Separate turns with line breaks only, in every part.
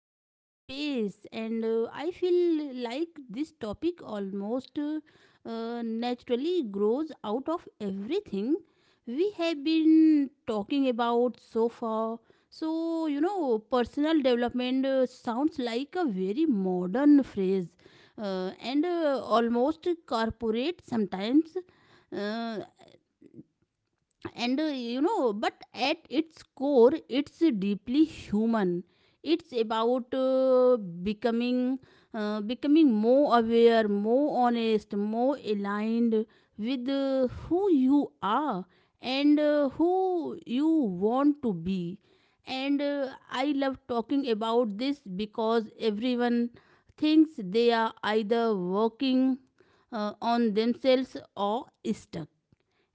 today's space, and I feel like this topic almost naturally grows out of everything we have been talking about so far. So, you know, personal development sounds like a very modern phrase and almost corporate sometimes. Uh, and but at its core it's deeply human. It's about becoming more aware, more honest, more aligned with who you are and who you want to be. And I love talking about this because everyone thinks they are either working on themselves or stuck.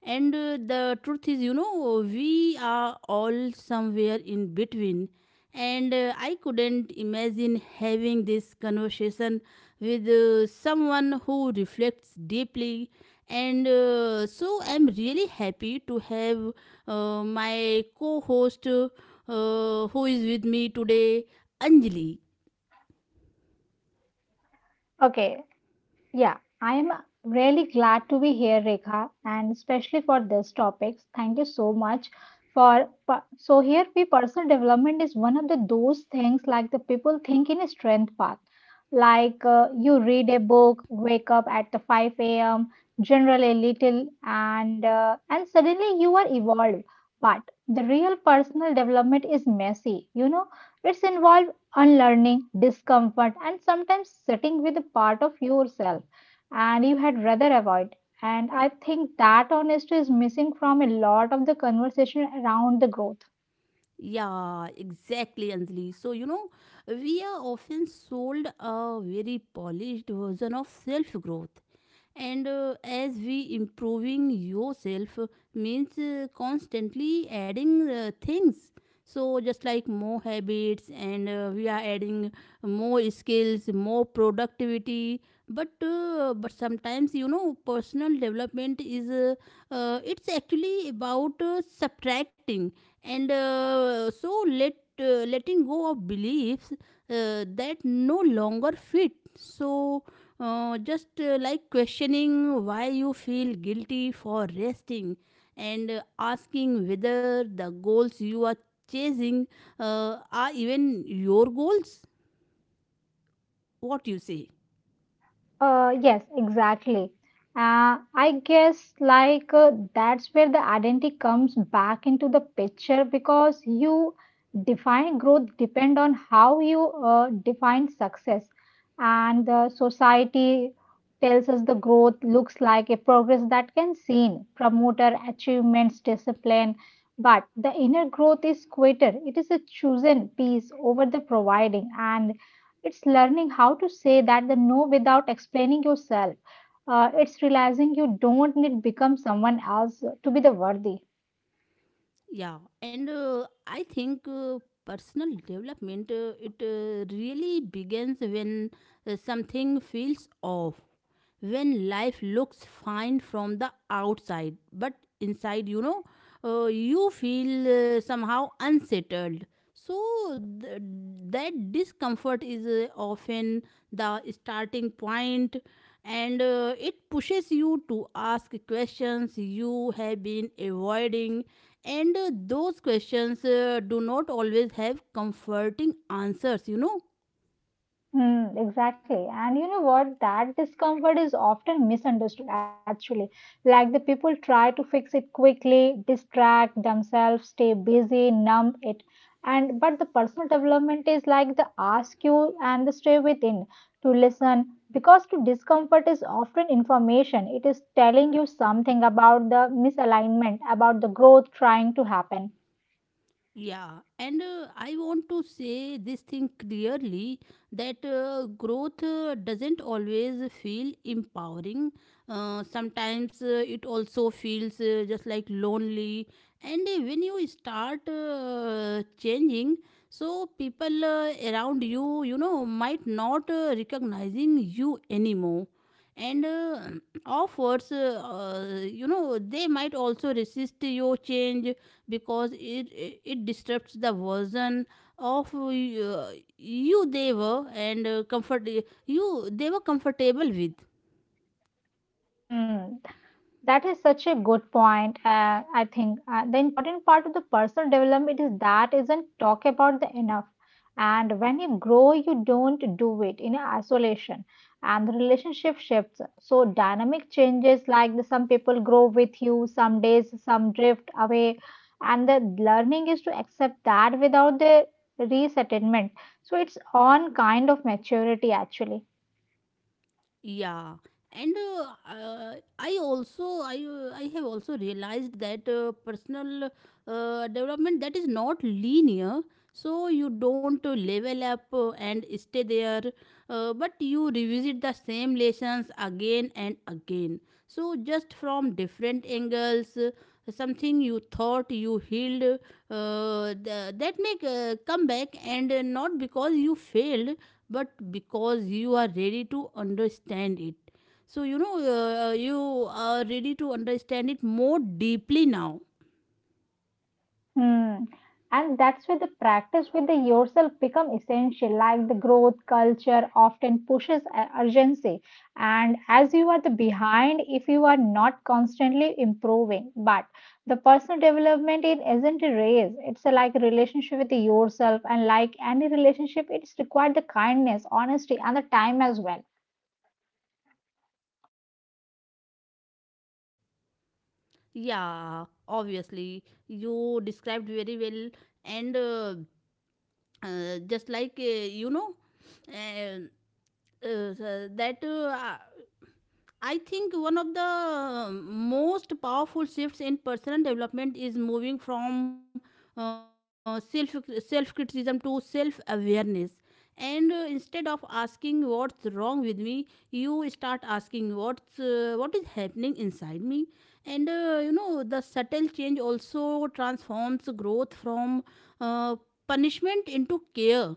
And the truth is, you know, we are all somewhere in between. And I couldn't imagine having this conversation with someone who reflects deeply. And so I'm really happy to have my co host who is with me today, Anjali.
Okay, yeah, I am really glad to be here, Rekha, and especially for this topic. Thank you so much for per- so here we personal development is one of the those things like the people think in a strength path. Like you read a book, wake up at the 5 a.m., generally little, and suddenly you are evolved. But the real personal development is messy. You know, it's involved unlearning, discomfort, and sometimes sitting with a part of yourself and you had rather avoid. And I think that honesty is missing from a lot of the conversation around the growth.
Yeah, exactly, Anjali. So, you know, we are often sold a very polished version of self growth, and as we improving yourself means constantly adding things, so just like more habits, and we are adding more skills, more productivity, but sometimes, you know, personal development is it's actually about subtracting. And letting go of beliefs that no longer fit. So just like questioning why you feel guilty for resting, and asking whether the goals you are chasing are even your goals. What you say?
Yes, exactly. I guess like that's where the identity comes back into the picture because you define growth depend on how you define success, and the society tells us the growth looks like a progress that can seen promoter achievements discipline but the inner growth is quieter. It is a chosen piece over the providing and it's learning how to say that the no without explaining yourself. It's realizing you don't need to become someone else to be the worthy.
Yeah, and I think personal development it really begins when something feels off, when life looks fine from the outside but inside, you know, you feel somehow unsettled. So th- that discomfort is often the starting point, and it pushes you to ask questions you have been avoiding. And those questions do not always have comforting answers, you know.
Mm, exactly. And you know what? That discomfort is often misunderstood, actually. Like the people try to fix it quickly, distract themselves, stay busy, numb it. And but the personal development is like the ask you and the stay within to listen because to discomfort is often information. It is telling you something about the misalignment, about the growth trying to happen.
Yeah, and I want to say this thing clearly that growth doesn't always feel empowering. Sometimes it also feels just like lonely. And when you start changing, so people around you, you know, might not recognizing you anymore. And offers, you know, they might also resist your change because it disrupts the version of you they were and comfort you they were comfortable with.
Hmm, that is such a good point. I think the important part of the personal development is that isn't talk about the enough. And when you grow, you don't do it in isolation, and the relationship shifts. So dynamic changes like the, some people grow with you, some days some drift away, and the learning is to accept that without the resettlement. So it's on kind of maturity actually.
Yeah, and uh, i also I have also realized that personal development that is not linear. So you don't level up and stay there, but you revisit the same lessons again and again. So, just from different angles, something you thought you healed that make come back, and not because you failed, but because you are ready to understand it. So, you know, you are ready to understand it more deeply now.
Hmm. And that's where the practice with the yourself become essential, like the growth culture often pushes urgency. And as you are the behind, if you are not constantly improving, but the personal development it isn't a race. It's a, like a relationship with yourself, and like any relationship, it's required the kindness, honesty, and the time as well.
Yeah, obviously, you described very well, and just like you know uh, that I think one of the most powerful shifts in personal development is moving from uh, self self criticism to self awareness. And instead of asking what's wrong with me, you start asking what is happening inside me. And you know, the subtle change also transforms growth from uh, punishment into care.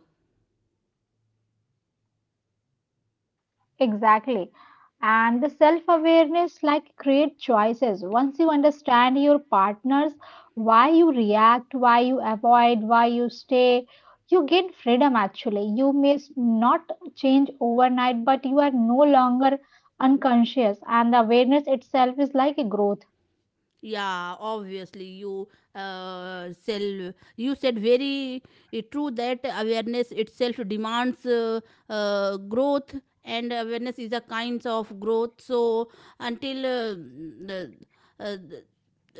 Exactly. And the self awareness like create choices. Once you understand your partners, why you react, why you avoid, why you stay, you gain freedom actually. You may not change overnight, but you are no longer unconscious. And the awareness itself is like a growth.
Yeah, obviously you sell. You said very true that awareness itself demands growth, and awareness is a kinds of growth. So until the, uh, the-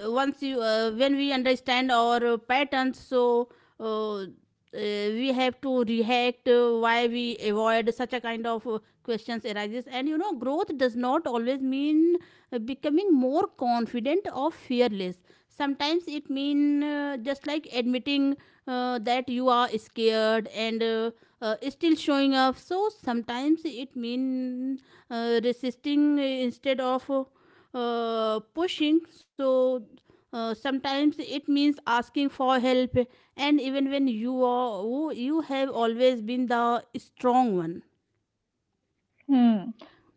once you when we understand our patterns, so uh, uh, we have to react, why we avoid, such a kind of questions arises. And you know, growth does not always mean becoming more confident or fearless. Sometimes it mean just like admitting that you are scared, and still showing up. So sometimes it mean resisting instead of pushing. So sometimes it means asking for help, and even when you are you have always been the strong one.
Hmm,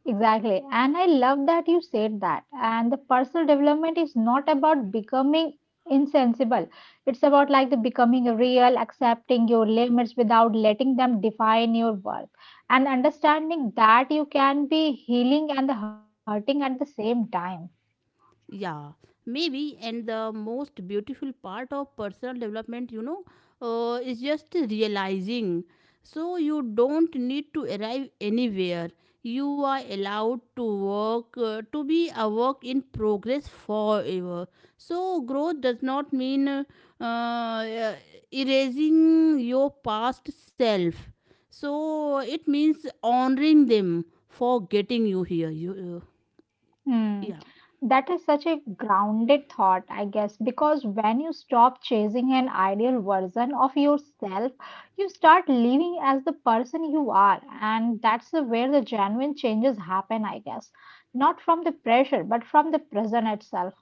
exactly. And I love that you said that. And the personal development is not about becoming insensible. It's about like the becoming real, accepting your limits without letting them define your worth, and understanding that you can be healing and hurting at the same time.
Yeah, maybe. And the most beautiful part of personal development, you know, is just realizing. So you don't need to arrive anywhere. You are allowed to work, to be a work in progress forever. So growth does not mean uh, erasing your past self. So it means honoring them for getting you here. You
Hmm.
yeah.
That is such a grounded thought, I guess, because when you stop chasing an ideal version of yourself, you start living as the person you are. And that's where the genuine changes happen, I guess. Not from the pressure, but from the present itself.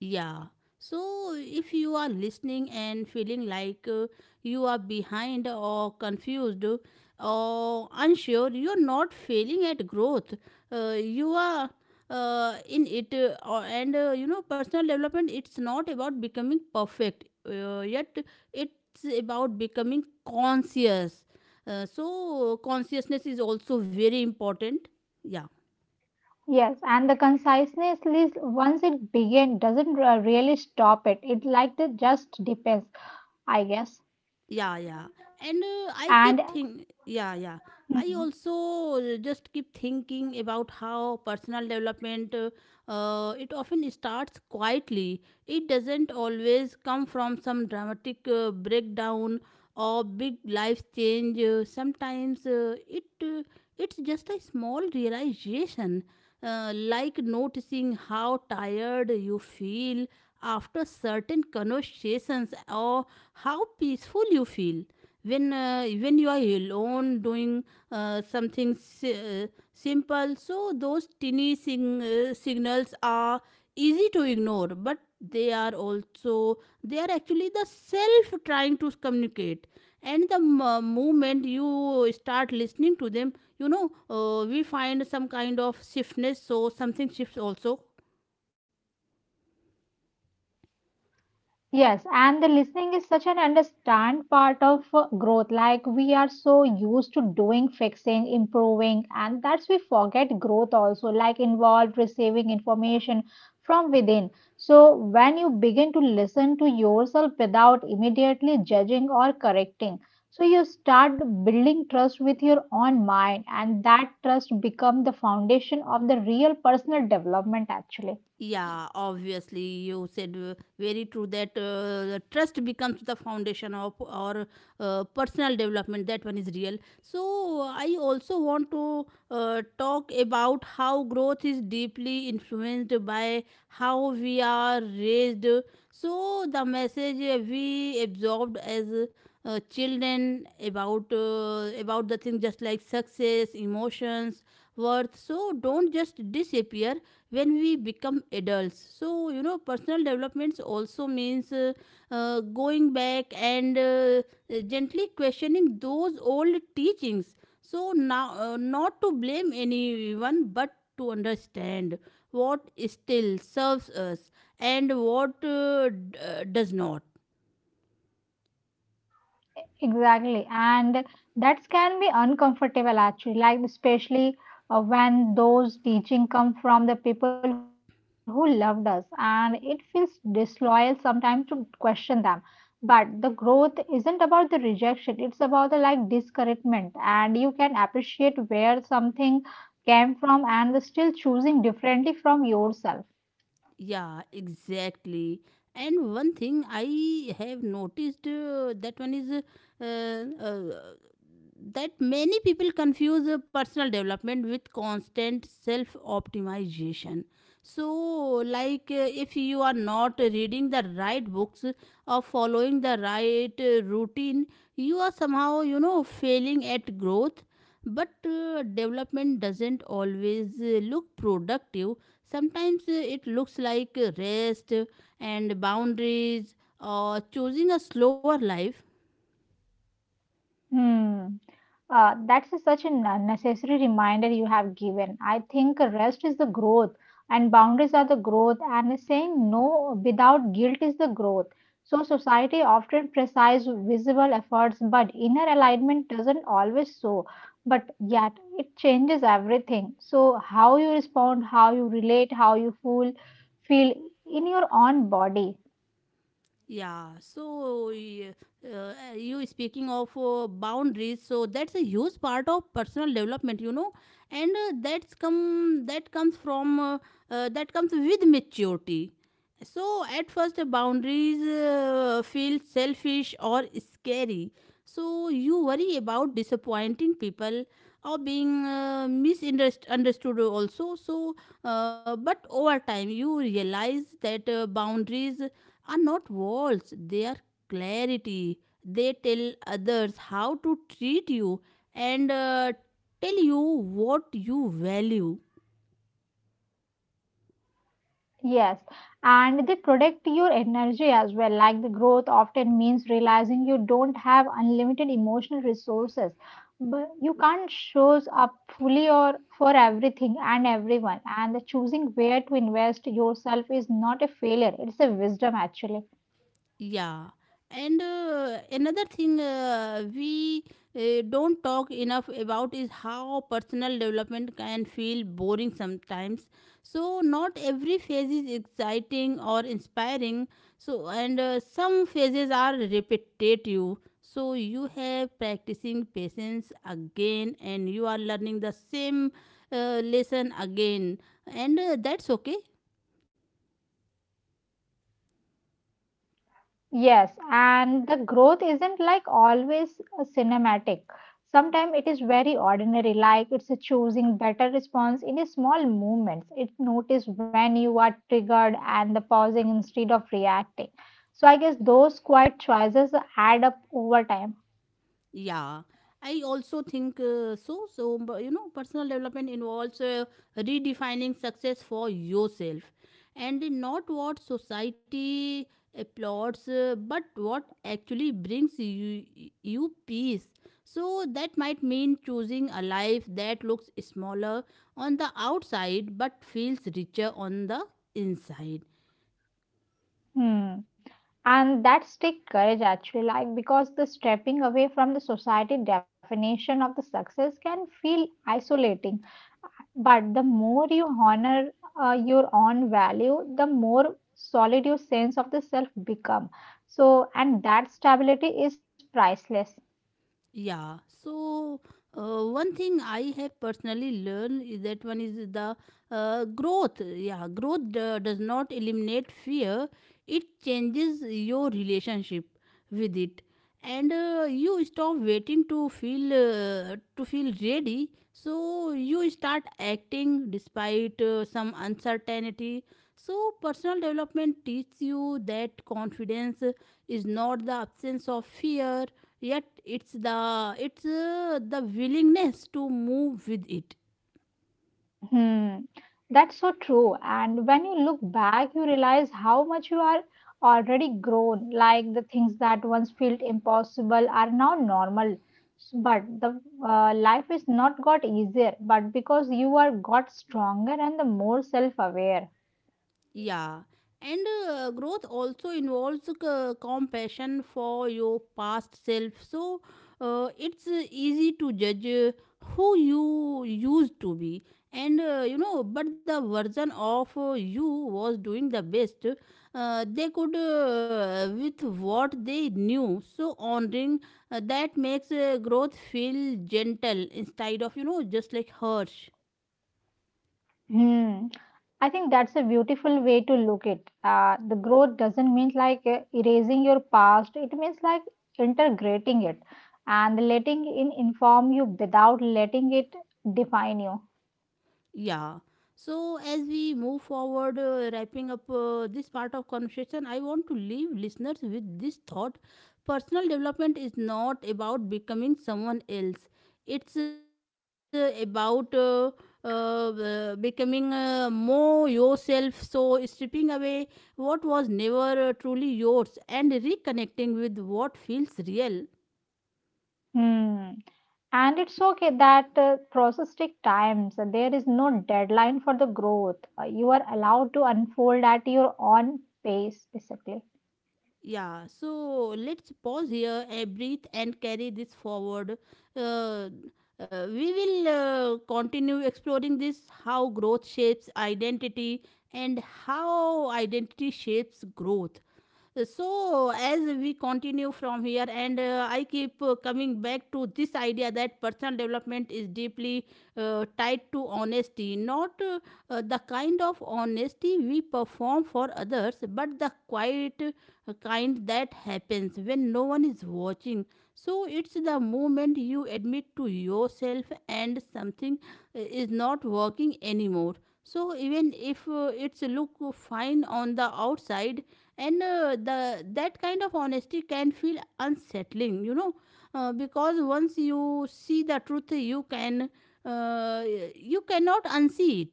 Yeah. So, if you are listening and feeling like you are behind or confused or unsure, you are not failing at growth. You are in it, and you know, personal development. It's not about becoming perfect, yet it's about becoming conscious. So, consciousness is also very important. Yeah.
Yes, and the conciseness list, once it begins, doesn't really stop it. It like it just depends, I guess.
Yeah. And I
And
keep think yeah, yeah, I
hmm,
also just keep thinking about how personal development it often starts quietly. It doesn't always come from some dramatic breakdown or big life change. Sometimes it it's just a small realization, like noticing how tired you feel after certain conversations, or how peaceful you feel when you are alone doing something simple. So those tiny signals are easy to ignore, but they are also they are actually the self trying to communicate. And the moment you start listening to them, you know, we find some kind of shiftness, so something shifts also.
Yes, and the listening is such an understand part of growth. Like we are so used to doing, fixing, improving, and that's we forget growth also, like involved receiving information from within. So when you begin to listen to yourself without immediately judging or correcting, so you start building trust with your own mind, and that trust become the foundation of the real personal development actually.
Yeah, obviously you said very true that the trust becomes the foundation of our personal development, that one is real. So I also want to talk about how growth is deeply influenced by how we are raised. So the message we absorbed as children about the things just like success, emotions, worth, so don't just disappear when we become adults. So you know, personal developments also means going back and gently questioning those old teachings. So now, not to blame anyone, but to understand what still serves us and what does not.
Exactly, and that can be uncomfortable actually, like especially when those teaching come from the people who loved us, and it feels disloyal sometimes to question them. But the growth isn't about the rejection; it's about the like discouragement, and you can appreciate where something came from and still choosing differently from yourself.
Yeah, exactly. And one thing I have noticed that one is that many people confuse personal development with constant self optimization. So, like if you are not reading the right books or following the right routine, you are somehow, you know, failing at growth. But development doesn't always look productive. Sometimes it looks like rest and boundaries, or choosing a slower life.
Hmm. That's such an necessary reminder you have given. I think rest is the growth, and boundaries are the growth, and saying no without guilt is the growth. So, society often precises visible efforts, but inner alignment doesn't always so. But yet, it changes everything. So, how you respond, how you relate, how you feel in your own body.
Yeah, you speaking of boundaries, so that's a huge part of personal development, you know, and that comes from that comes with maturity. So at first, boundaries feel selfish or scary. So you worry about disappointing people or being misunderstood also. So, but over time, you realize that boundaries are not walls, they are clarity. They tell others how to treat you, and tell you what you value.
Yes, and they protect your energy as well. Like the growth often means realizing you don't have unlimited emotional resources, but you can't show up fully or for everything and everyone. And the choosing where to invest yourself is not a failure, it's a wisdom actually.
Yeah, and another thing we don't talk enough about is how personal development can feel boring sometimes. So, not every phase is exciting or inspiring. So, and some phases are repetitive. So, you have practicing patience again, and you are learning the same lesson again, and that's okay.
Yes, and the growth isn't like always a cinematic. Sometimes it is very ordinary, like it's a choosing better response in a small movements. It notice when you are triggered and the pausing instead of reacting. So I guess those quiet choices add up over time.
Yeah, I also think so. So, but, you know, personal development involves redefining success for yourself and not what society applauds, but what actually brings you, you peace. So, that might mean choosing a life that looks smaller on the outside but feels richer on the inside.
Hmm. And that's take courage actually, like because the stepping away from the society definition of the success can feel isolating. But the more you honor your own value, the more solid your sense of the self become. So, and that stability is priceless.
Yeah, so one thing I have personally learned is that one is the growth. Yeah, growth does not eliminate fear, it changes your relationship with it. And you stop waiting to feel ready, so you start acting despite some uncertainty. So personal development teaches you that confidence is not the absence of fear, yet it's the willingness to move with it.
Hmm. That's so true. And when you look back, you realize how much you are already grown. Like the things that once felt impossible are now normal. But the life is not got easier, but because you are got stronger and the more self-aware.
Yeah, and growth also involves compassion for your past self. So it's easy to judge who you used to be, and you know, but the version of you was doing the best they could with what they knew. So honoring that makes growth feel gentle instead of, you know, just like harsh.
Hmm. I think that's a beautiful way to look it. The growth doesn't mean like erasing your past. It means like integrating it and letting it inform you without letting it define you.
Yeah. So, as we move forward, wrapping up this part of conversation, I want to leave listeners with this thought: personal development is not about becoming someone else, it's about becoming more yourself. So, stripping away what was never truly yours and reconnecting with what feels real.
Hmm. And it's okay that process take time. So there is no deadline for the growth. You are allowed to unfold at your own pace, basically.
Yeah, so let's pause here and breathe and carry this forward. Uh, we will continue exploring this how growth shapes identity and how identity shapes growth. So, as we continue from here, and I keep coming back to this idea that personal development is deeply tied to honesty, not the kind of honesty we perform for others, but the quiet kind that happens when no one is watching. So, it's the moment you admit to yourself and something is not working anymore. So, even if it's look fine on the outside, and the that kind of honesty can feel unsettling. Because once you see the truth you can uh, you cannot unsee it.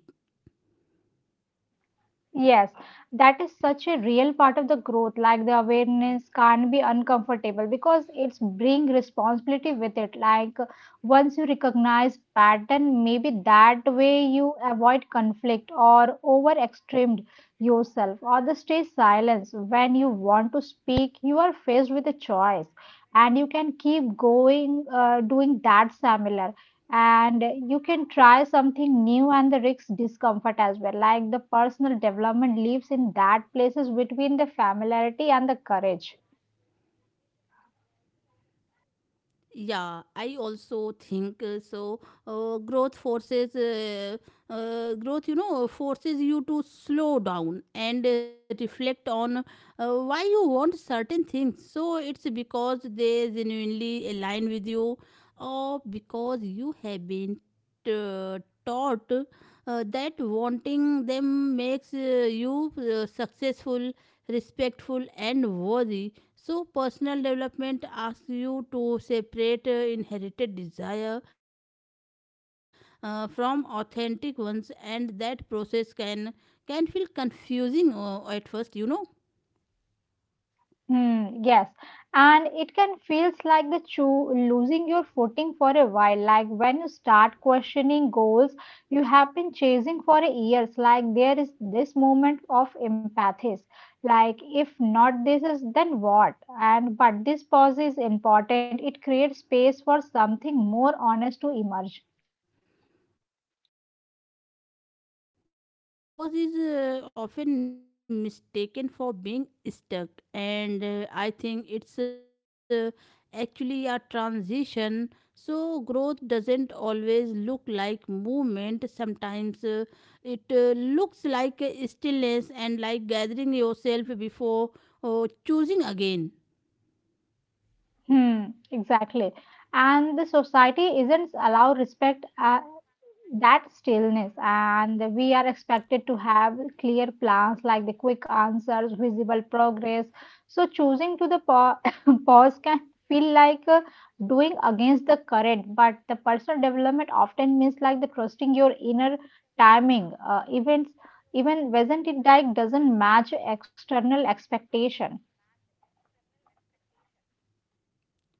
Yes, that is such a real part of the growth. Like the awareness can't be uncomfortable because it's bring responsibility with it. Like once you recognize pattern, maybe that way you avoid conflict or over extremed yourself or the stay silence. When you want to speak, you are faced with a choice and you can keep going doing that similar and you can try something new and the risk discomfort as well like the personal development lives in that places between the familiarity and the courage.
Yeah, I also think growth growth, forces you to slow down and reflect on why you want certain things. So it's because they genuinely align with you, or because you have been uh, taught that wanting them makes you successful, respectful, and worthy. So, personal development asks you to separate inherited desire from authentic ones, and that process can feel confusing at first, you know.
Hmm, yes, and it can feels like the losing your footing for a while, like when you start questioning goals you have been chasing for years. Like there is this moment of empathies, like if not this is then what? And but this pause is important. It creates space for something more honest to emerge.
Yeah, and I think that pause is often mistaken for being stuck, and I think it's actually a transition. So, growth doesn't always look like movement, sometimes it looks like stillness and like gathering yourself before choosing again.
Hmm, exactly. And the society isn't allow respect that stillness, and we are expected to have clear plans like the quick answers, visible progress. So choosing to the pause can feel like doing against the current, but the personal development often means like the trusting your inner timing. Events, even wasn't it like doesn't match external expectation.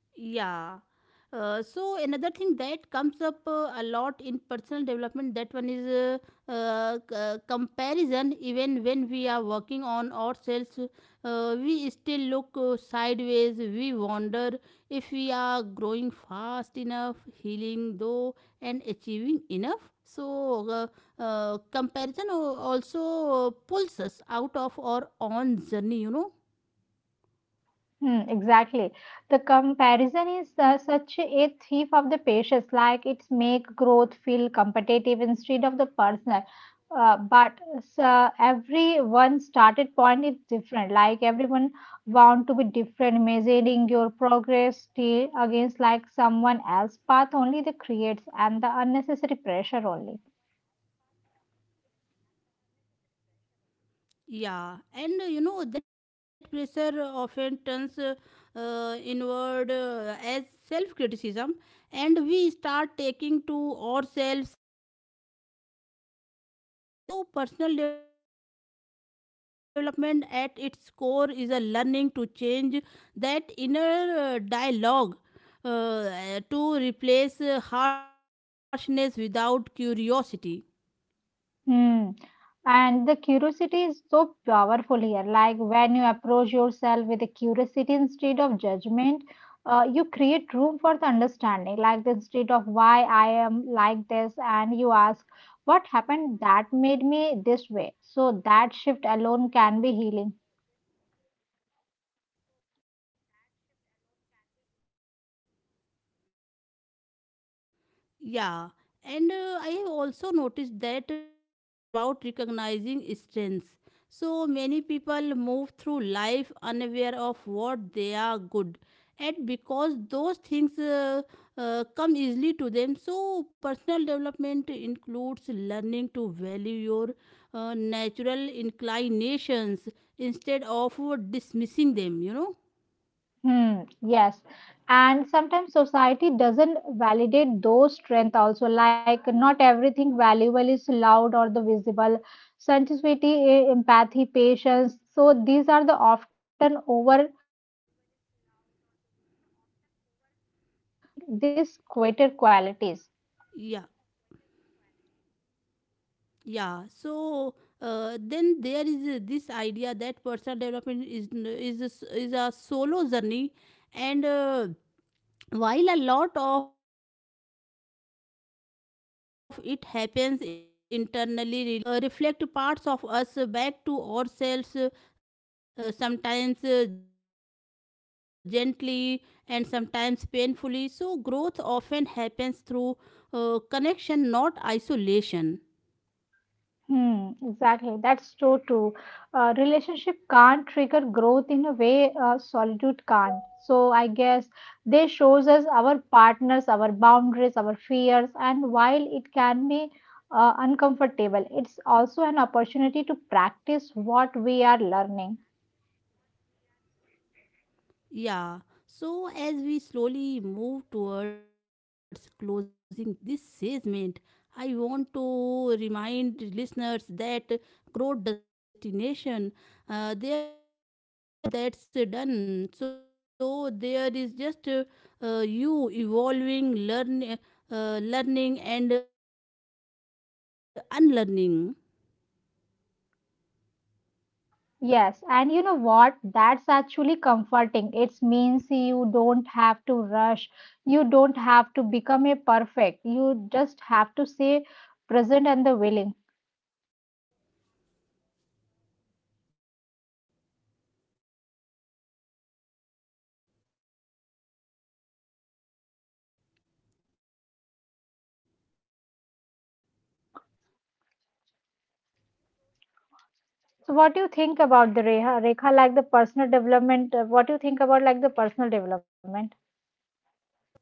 Yeah. So another thing that comes up a lot in personal development that one is comparison. Even when we are working on ourselves we still look sideways, we wonder if we are growing fast enough, healing though, and achieving enough, so comparison also pulls us out of our own journey, you know.
Hmm, exactly. The comparison is such a thief of the patience. Like it's make growth feel competitive instead of the personal. But everyone started point is different. Like everyone want to be different, measuring your progress still against like someone else path only the creates and the unnecessary pressure only.
Yeah, and you know that pressure often turns inward as self criticism, and we start taking to ourselves in ways we had never talked to a friend. So, personal development at its core is a learning to change that inner dialogue to replace harshness without curiosity.
Hmm. And the curiosity is so powerful here. Like when you approach yourself with a curiosity instead of judgment, you create room for the understanding. Like the instead of why I am like this, and you ask, what happened that made me this way? So that shift alone can be healing.
Yeah, and I have also noticed that growth is not just about improving weaknesses, it's about recognizing strengths. So many people move through life unaware of what they are good at because those things come easily to them. So personal development includes learning to value your natural inclinations instead of dismissing them, you know.
Hmm, yes. And sometimes society doesn't validate those strengths also. Like not everything valuable is loud or the visible. Sensitivity, empathy, patience. So these are the often overlooked, but they are powerful. Growth include honoring these quieter qualities.
Yeah. Yeah, so then there is this idea that personal development is n- is a, s- is a solo journey and while a lot of it happens internally, relationships also play a huge role. So people reflect parts of us back to ourselves, sometimes gently and sometimes painfully. So growth often happens through connection, not isolation.
Hmm, exactly. That's so true. Relationship can't trigger growth in a way solitude can't. So I guess they shows us our partners, our boundaries, our fears, and while it can be uncomfortable, it's also an opportunity to practice what we are learning.
Yeah, so as we slowly move towards closing this segment, I want to remind listeners that growth does not have a final destination. There is no version of you that's done. So there is just you evolving, learning, and unlearning.
Yes, and you know what? That's actually comforting. It means you don't have to rush. You don't have to become a perfect. You just have to stay present and the willing. So,
Yeah.
what do you think about
So,
the
you
Reha? Rekha, like
know,
the
uh,
personal development, what do you think about like the personal development?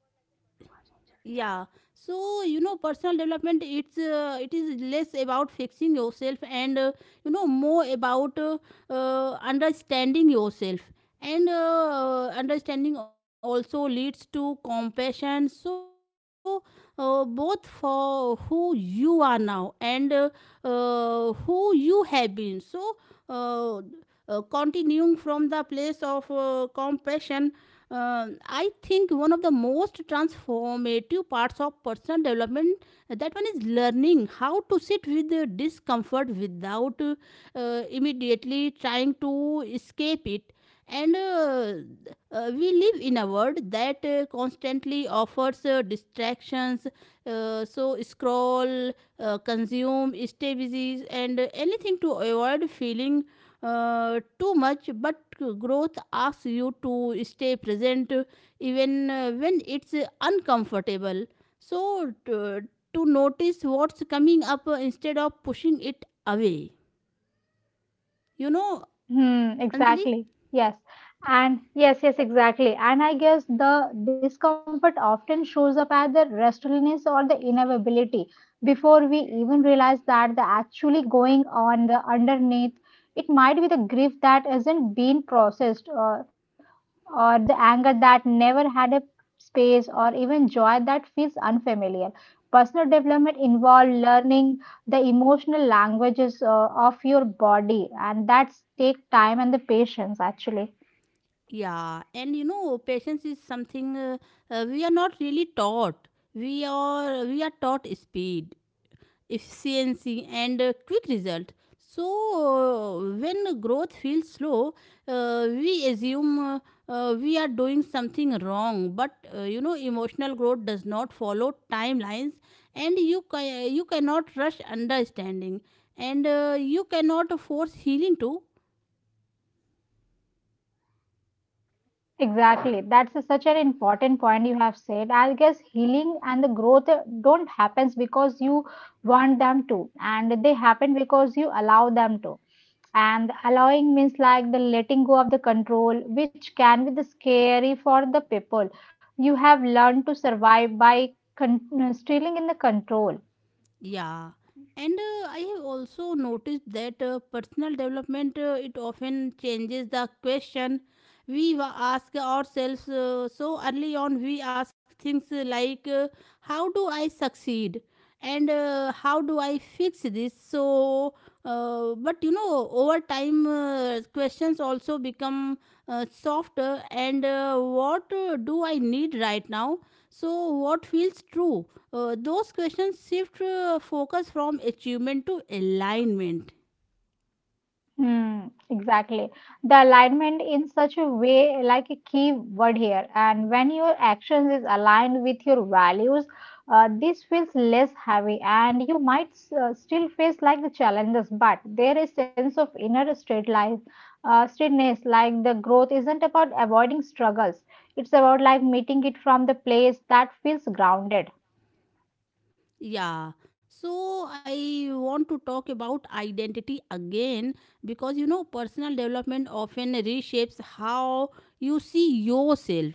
yeah you know personal development it is less about fixing yourself and you know more about understanding yourself. And understanding also leads to compassion, so both for who you are now and who you have been. So uh, continuing from the place of compassion, I think one of the most transformative parts of personal development that one is learning how to sit with the discomfort without immediately trying to escape it. And We live in a world that constantly offers distractions. So, scroll, consume, stay busy, and anything to avoid feeling too much, but growth asks you to stay present even when it's uncomfortable. So, to notice what's coming up instead of pushing it away. You know,
Hmm,
Anjali?
exactly. Yes. And yes, exactly. And I guess the discomfort often shows up as the restlessness or the inevitability before we even realize that the actually going on the underneath, it might be the grief that isn't being processed, or the anger that never had a space, or even joy that feels unfamiliar. Personal development involves learning the emotional languages of your body, and that's take time and the patience actually.
Yeah, and you know, patience is something we are not really taught. We are taught speed, efficiency, and quick result. So when growth feels slow we assume we are doing something wrong. But you know emotional growth does not follow timelines, and you cannot rush understanding, and you cannot force healing too.
Exactly. That's such an important point you have said. I guess healing and the growth don't happens because you want them to, and they happen because you allow them to. And allowing means like the letting go of the control, which can be the scary for the people. You have learned to survive by stealing in the control.
Yeah, and I have also noticed that personal development it often changes the question we ask ourselves. So early on, we ask things like, "How do I succeed?" and "How do I fix this?" So, but you know, over time, questions also become softer. And what do I need right now? So, what feels true? Those questions shift focus from achievement to alignment.
Hmm, exactly. The alignment in such a way, like a key word here. And when your actions is aligned with your values, this feels less heavy, and you might still face like the challenges, but there is sense of inner straight life, straightness. Like the growth isn't about avoiding struggles; it's about like meeting it from the place that feels grounded.
Yeah. So I want to talk about identity again because you know personal development often reshapes how you see yourself.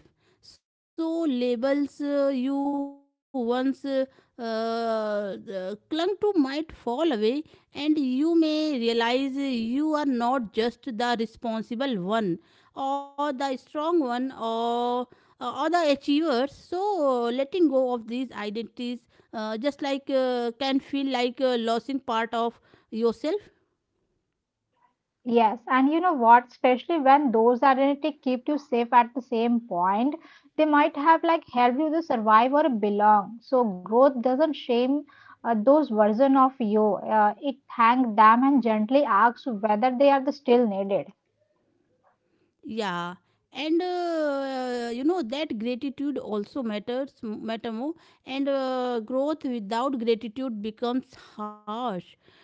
So labels you once clung to might fall away, and you may realize you are not just the responsible one, or the strong one, or the achievers. So letting go of these identities just like can feel like losing part of yourself.
Yes, and you know what, especially when those identity keep you safe at the same point, they might have like helped you to survive or belong. So growth doesn't shame those version of you. It thank them and gently asks whether they are the still needed.
Yeah and you know that gratitude also matter more, and growth without gratitude becomes harsh.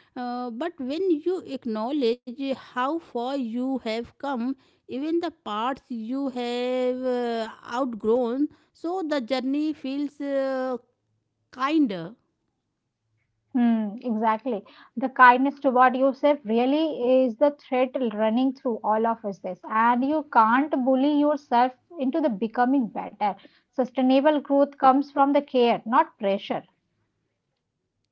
But when you acknowledge how far you have come, even the parts you have outgrown, so the journey feels kinder.
Hmm, exactly. The kindness toward yourself really is the thread running through all of us this. And you can't bully yourself into the becoming better. Sustainable growth comes from the care, not pressure.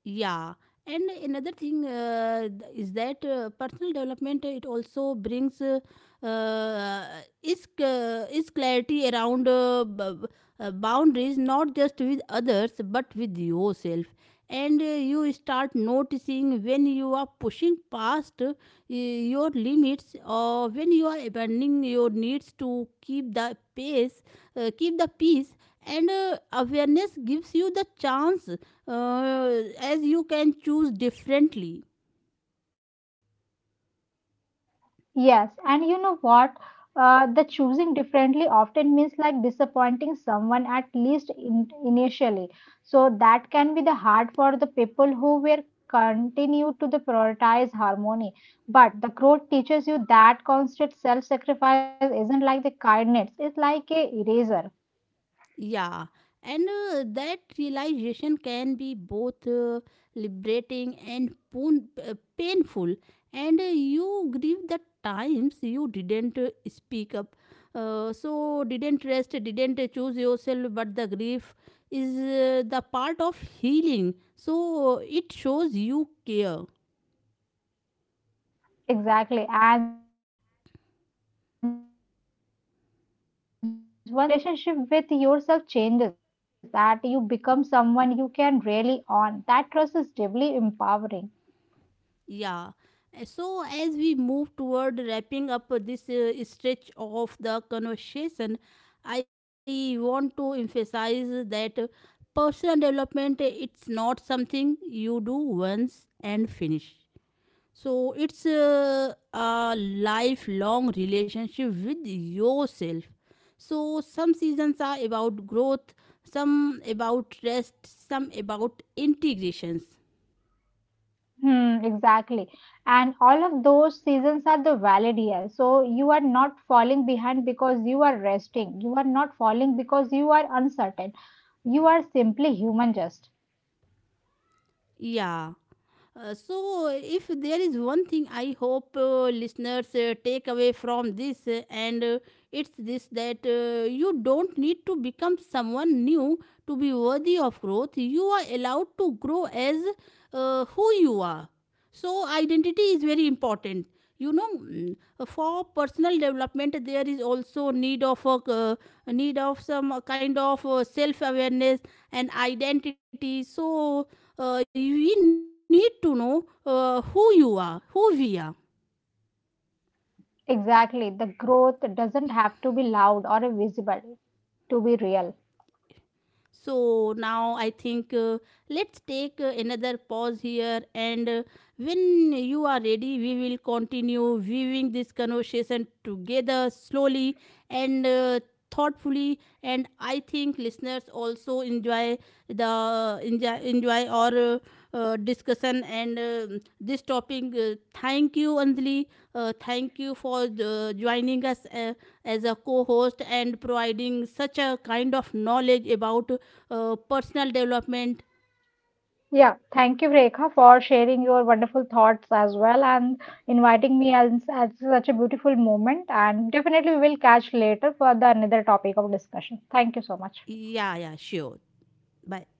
Yeah, and another thing is that personal development it also brings uh, is c- is clarity around boundaries, not just with others but with yourself. And you start noticing when you are pushing past your limits or when you are abandoning your needs to keep the pace, keep the peace. And awareness gives you the chance uh, as you can choose differently.
Yes, and you know what? The choosing differently often means like disappointing someone at least in, initially. So that can be the hard for the people who will continue to the prioritize harmony. But the growth teaches you that constant self-sacrifice isn't like the kindness; it's like a eraser.
Yeah, and that realization can be both liberating and painful. And you grieve the times you didn't speak up, so didn't rest, didn't choose yourself. But the grief is the part of healing, so it shows you care.
Exactly. And once you start choosing yourself, even in a small way, your relationship with yourself changes, that you become someone you can rely on. That trust is deeply empowering.
Yeah. So, as we move toward wrapping up this stretch of the conversation, I want to emphasize that personal development it's not something you do once and finish. So, it's a lifelong relationship with yourself. So, some seasons are about growth, some about rest, some about integrations.
Hmm, exactly. And all of those seasons are the valid years. So you are not falling behind because you are resting. You are not falling because you are uncertain. You are simply human just.
Yeah. So, if there is one thing I hope listeners take away from this, and it's this that you don't need to become someone new to be worthy of growth. You are allowed to grow as who you are. So, identity is very important. You know, mm, for personal development, there is also need of a need of some kind of self awareness and identity. So, we need to know who you are, who we are.
Exactly. The growth doesn't have to be loud or visible to be real.
So now I think let's take another pause here, and when you are ready, we will continue viewing this conversation together slowly and thoughtfully. And I think listeners also enjoy the enjoy our discussion and this topic. Thank you, Anjali. Thank you for the, joining us as a co-host and providing such a kind of knowledge about personal development.
Yeah, thank you, Rekha, for sharing your wonderful thoughts as well and inviting me as such a beautiful moment. And definitely, we will catch later for the another topic of discussion. Thank you so much.
Yeah yeah sure. bye.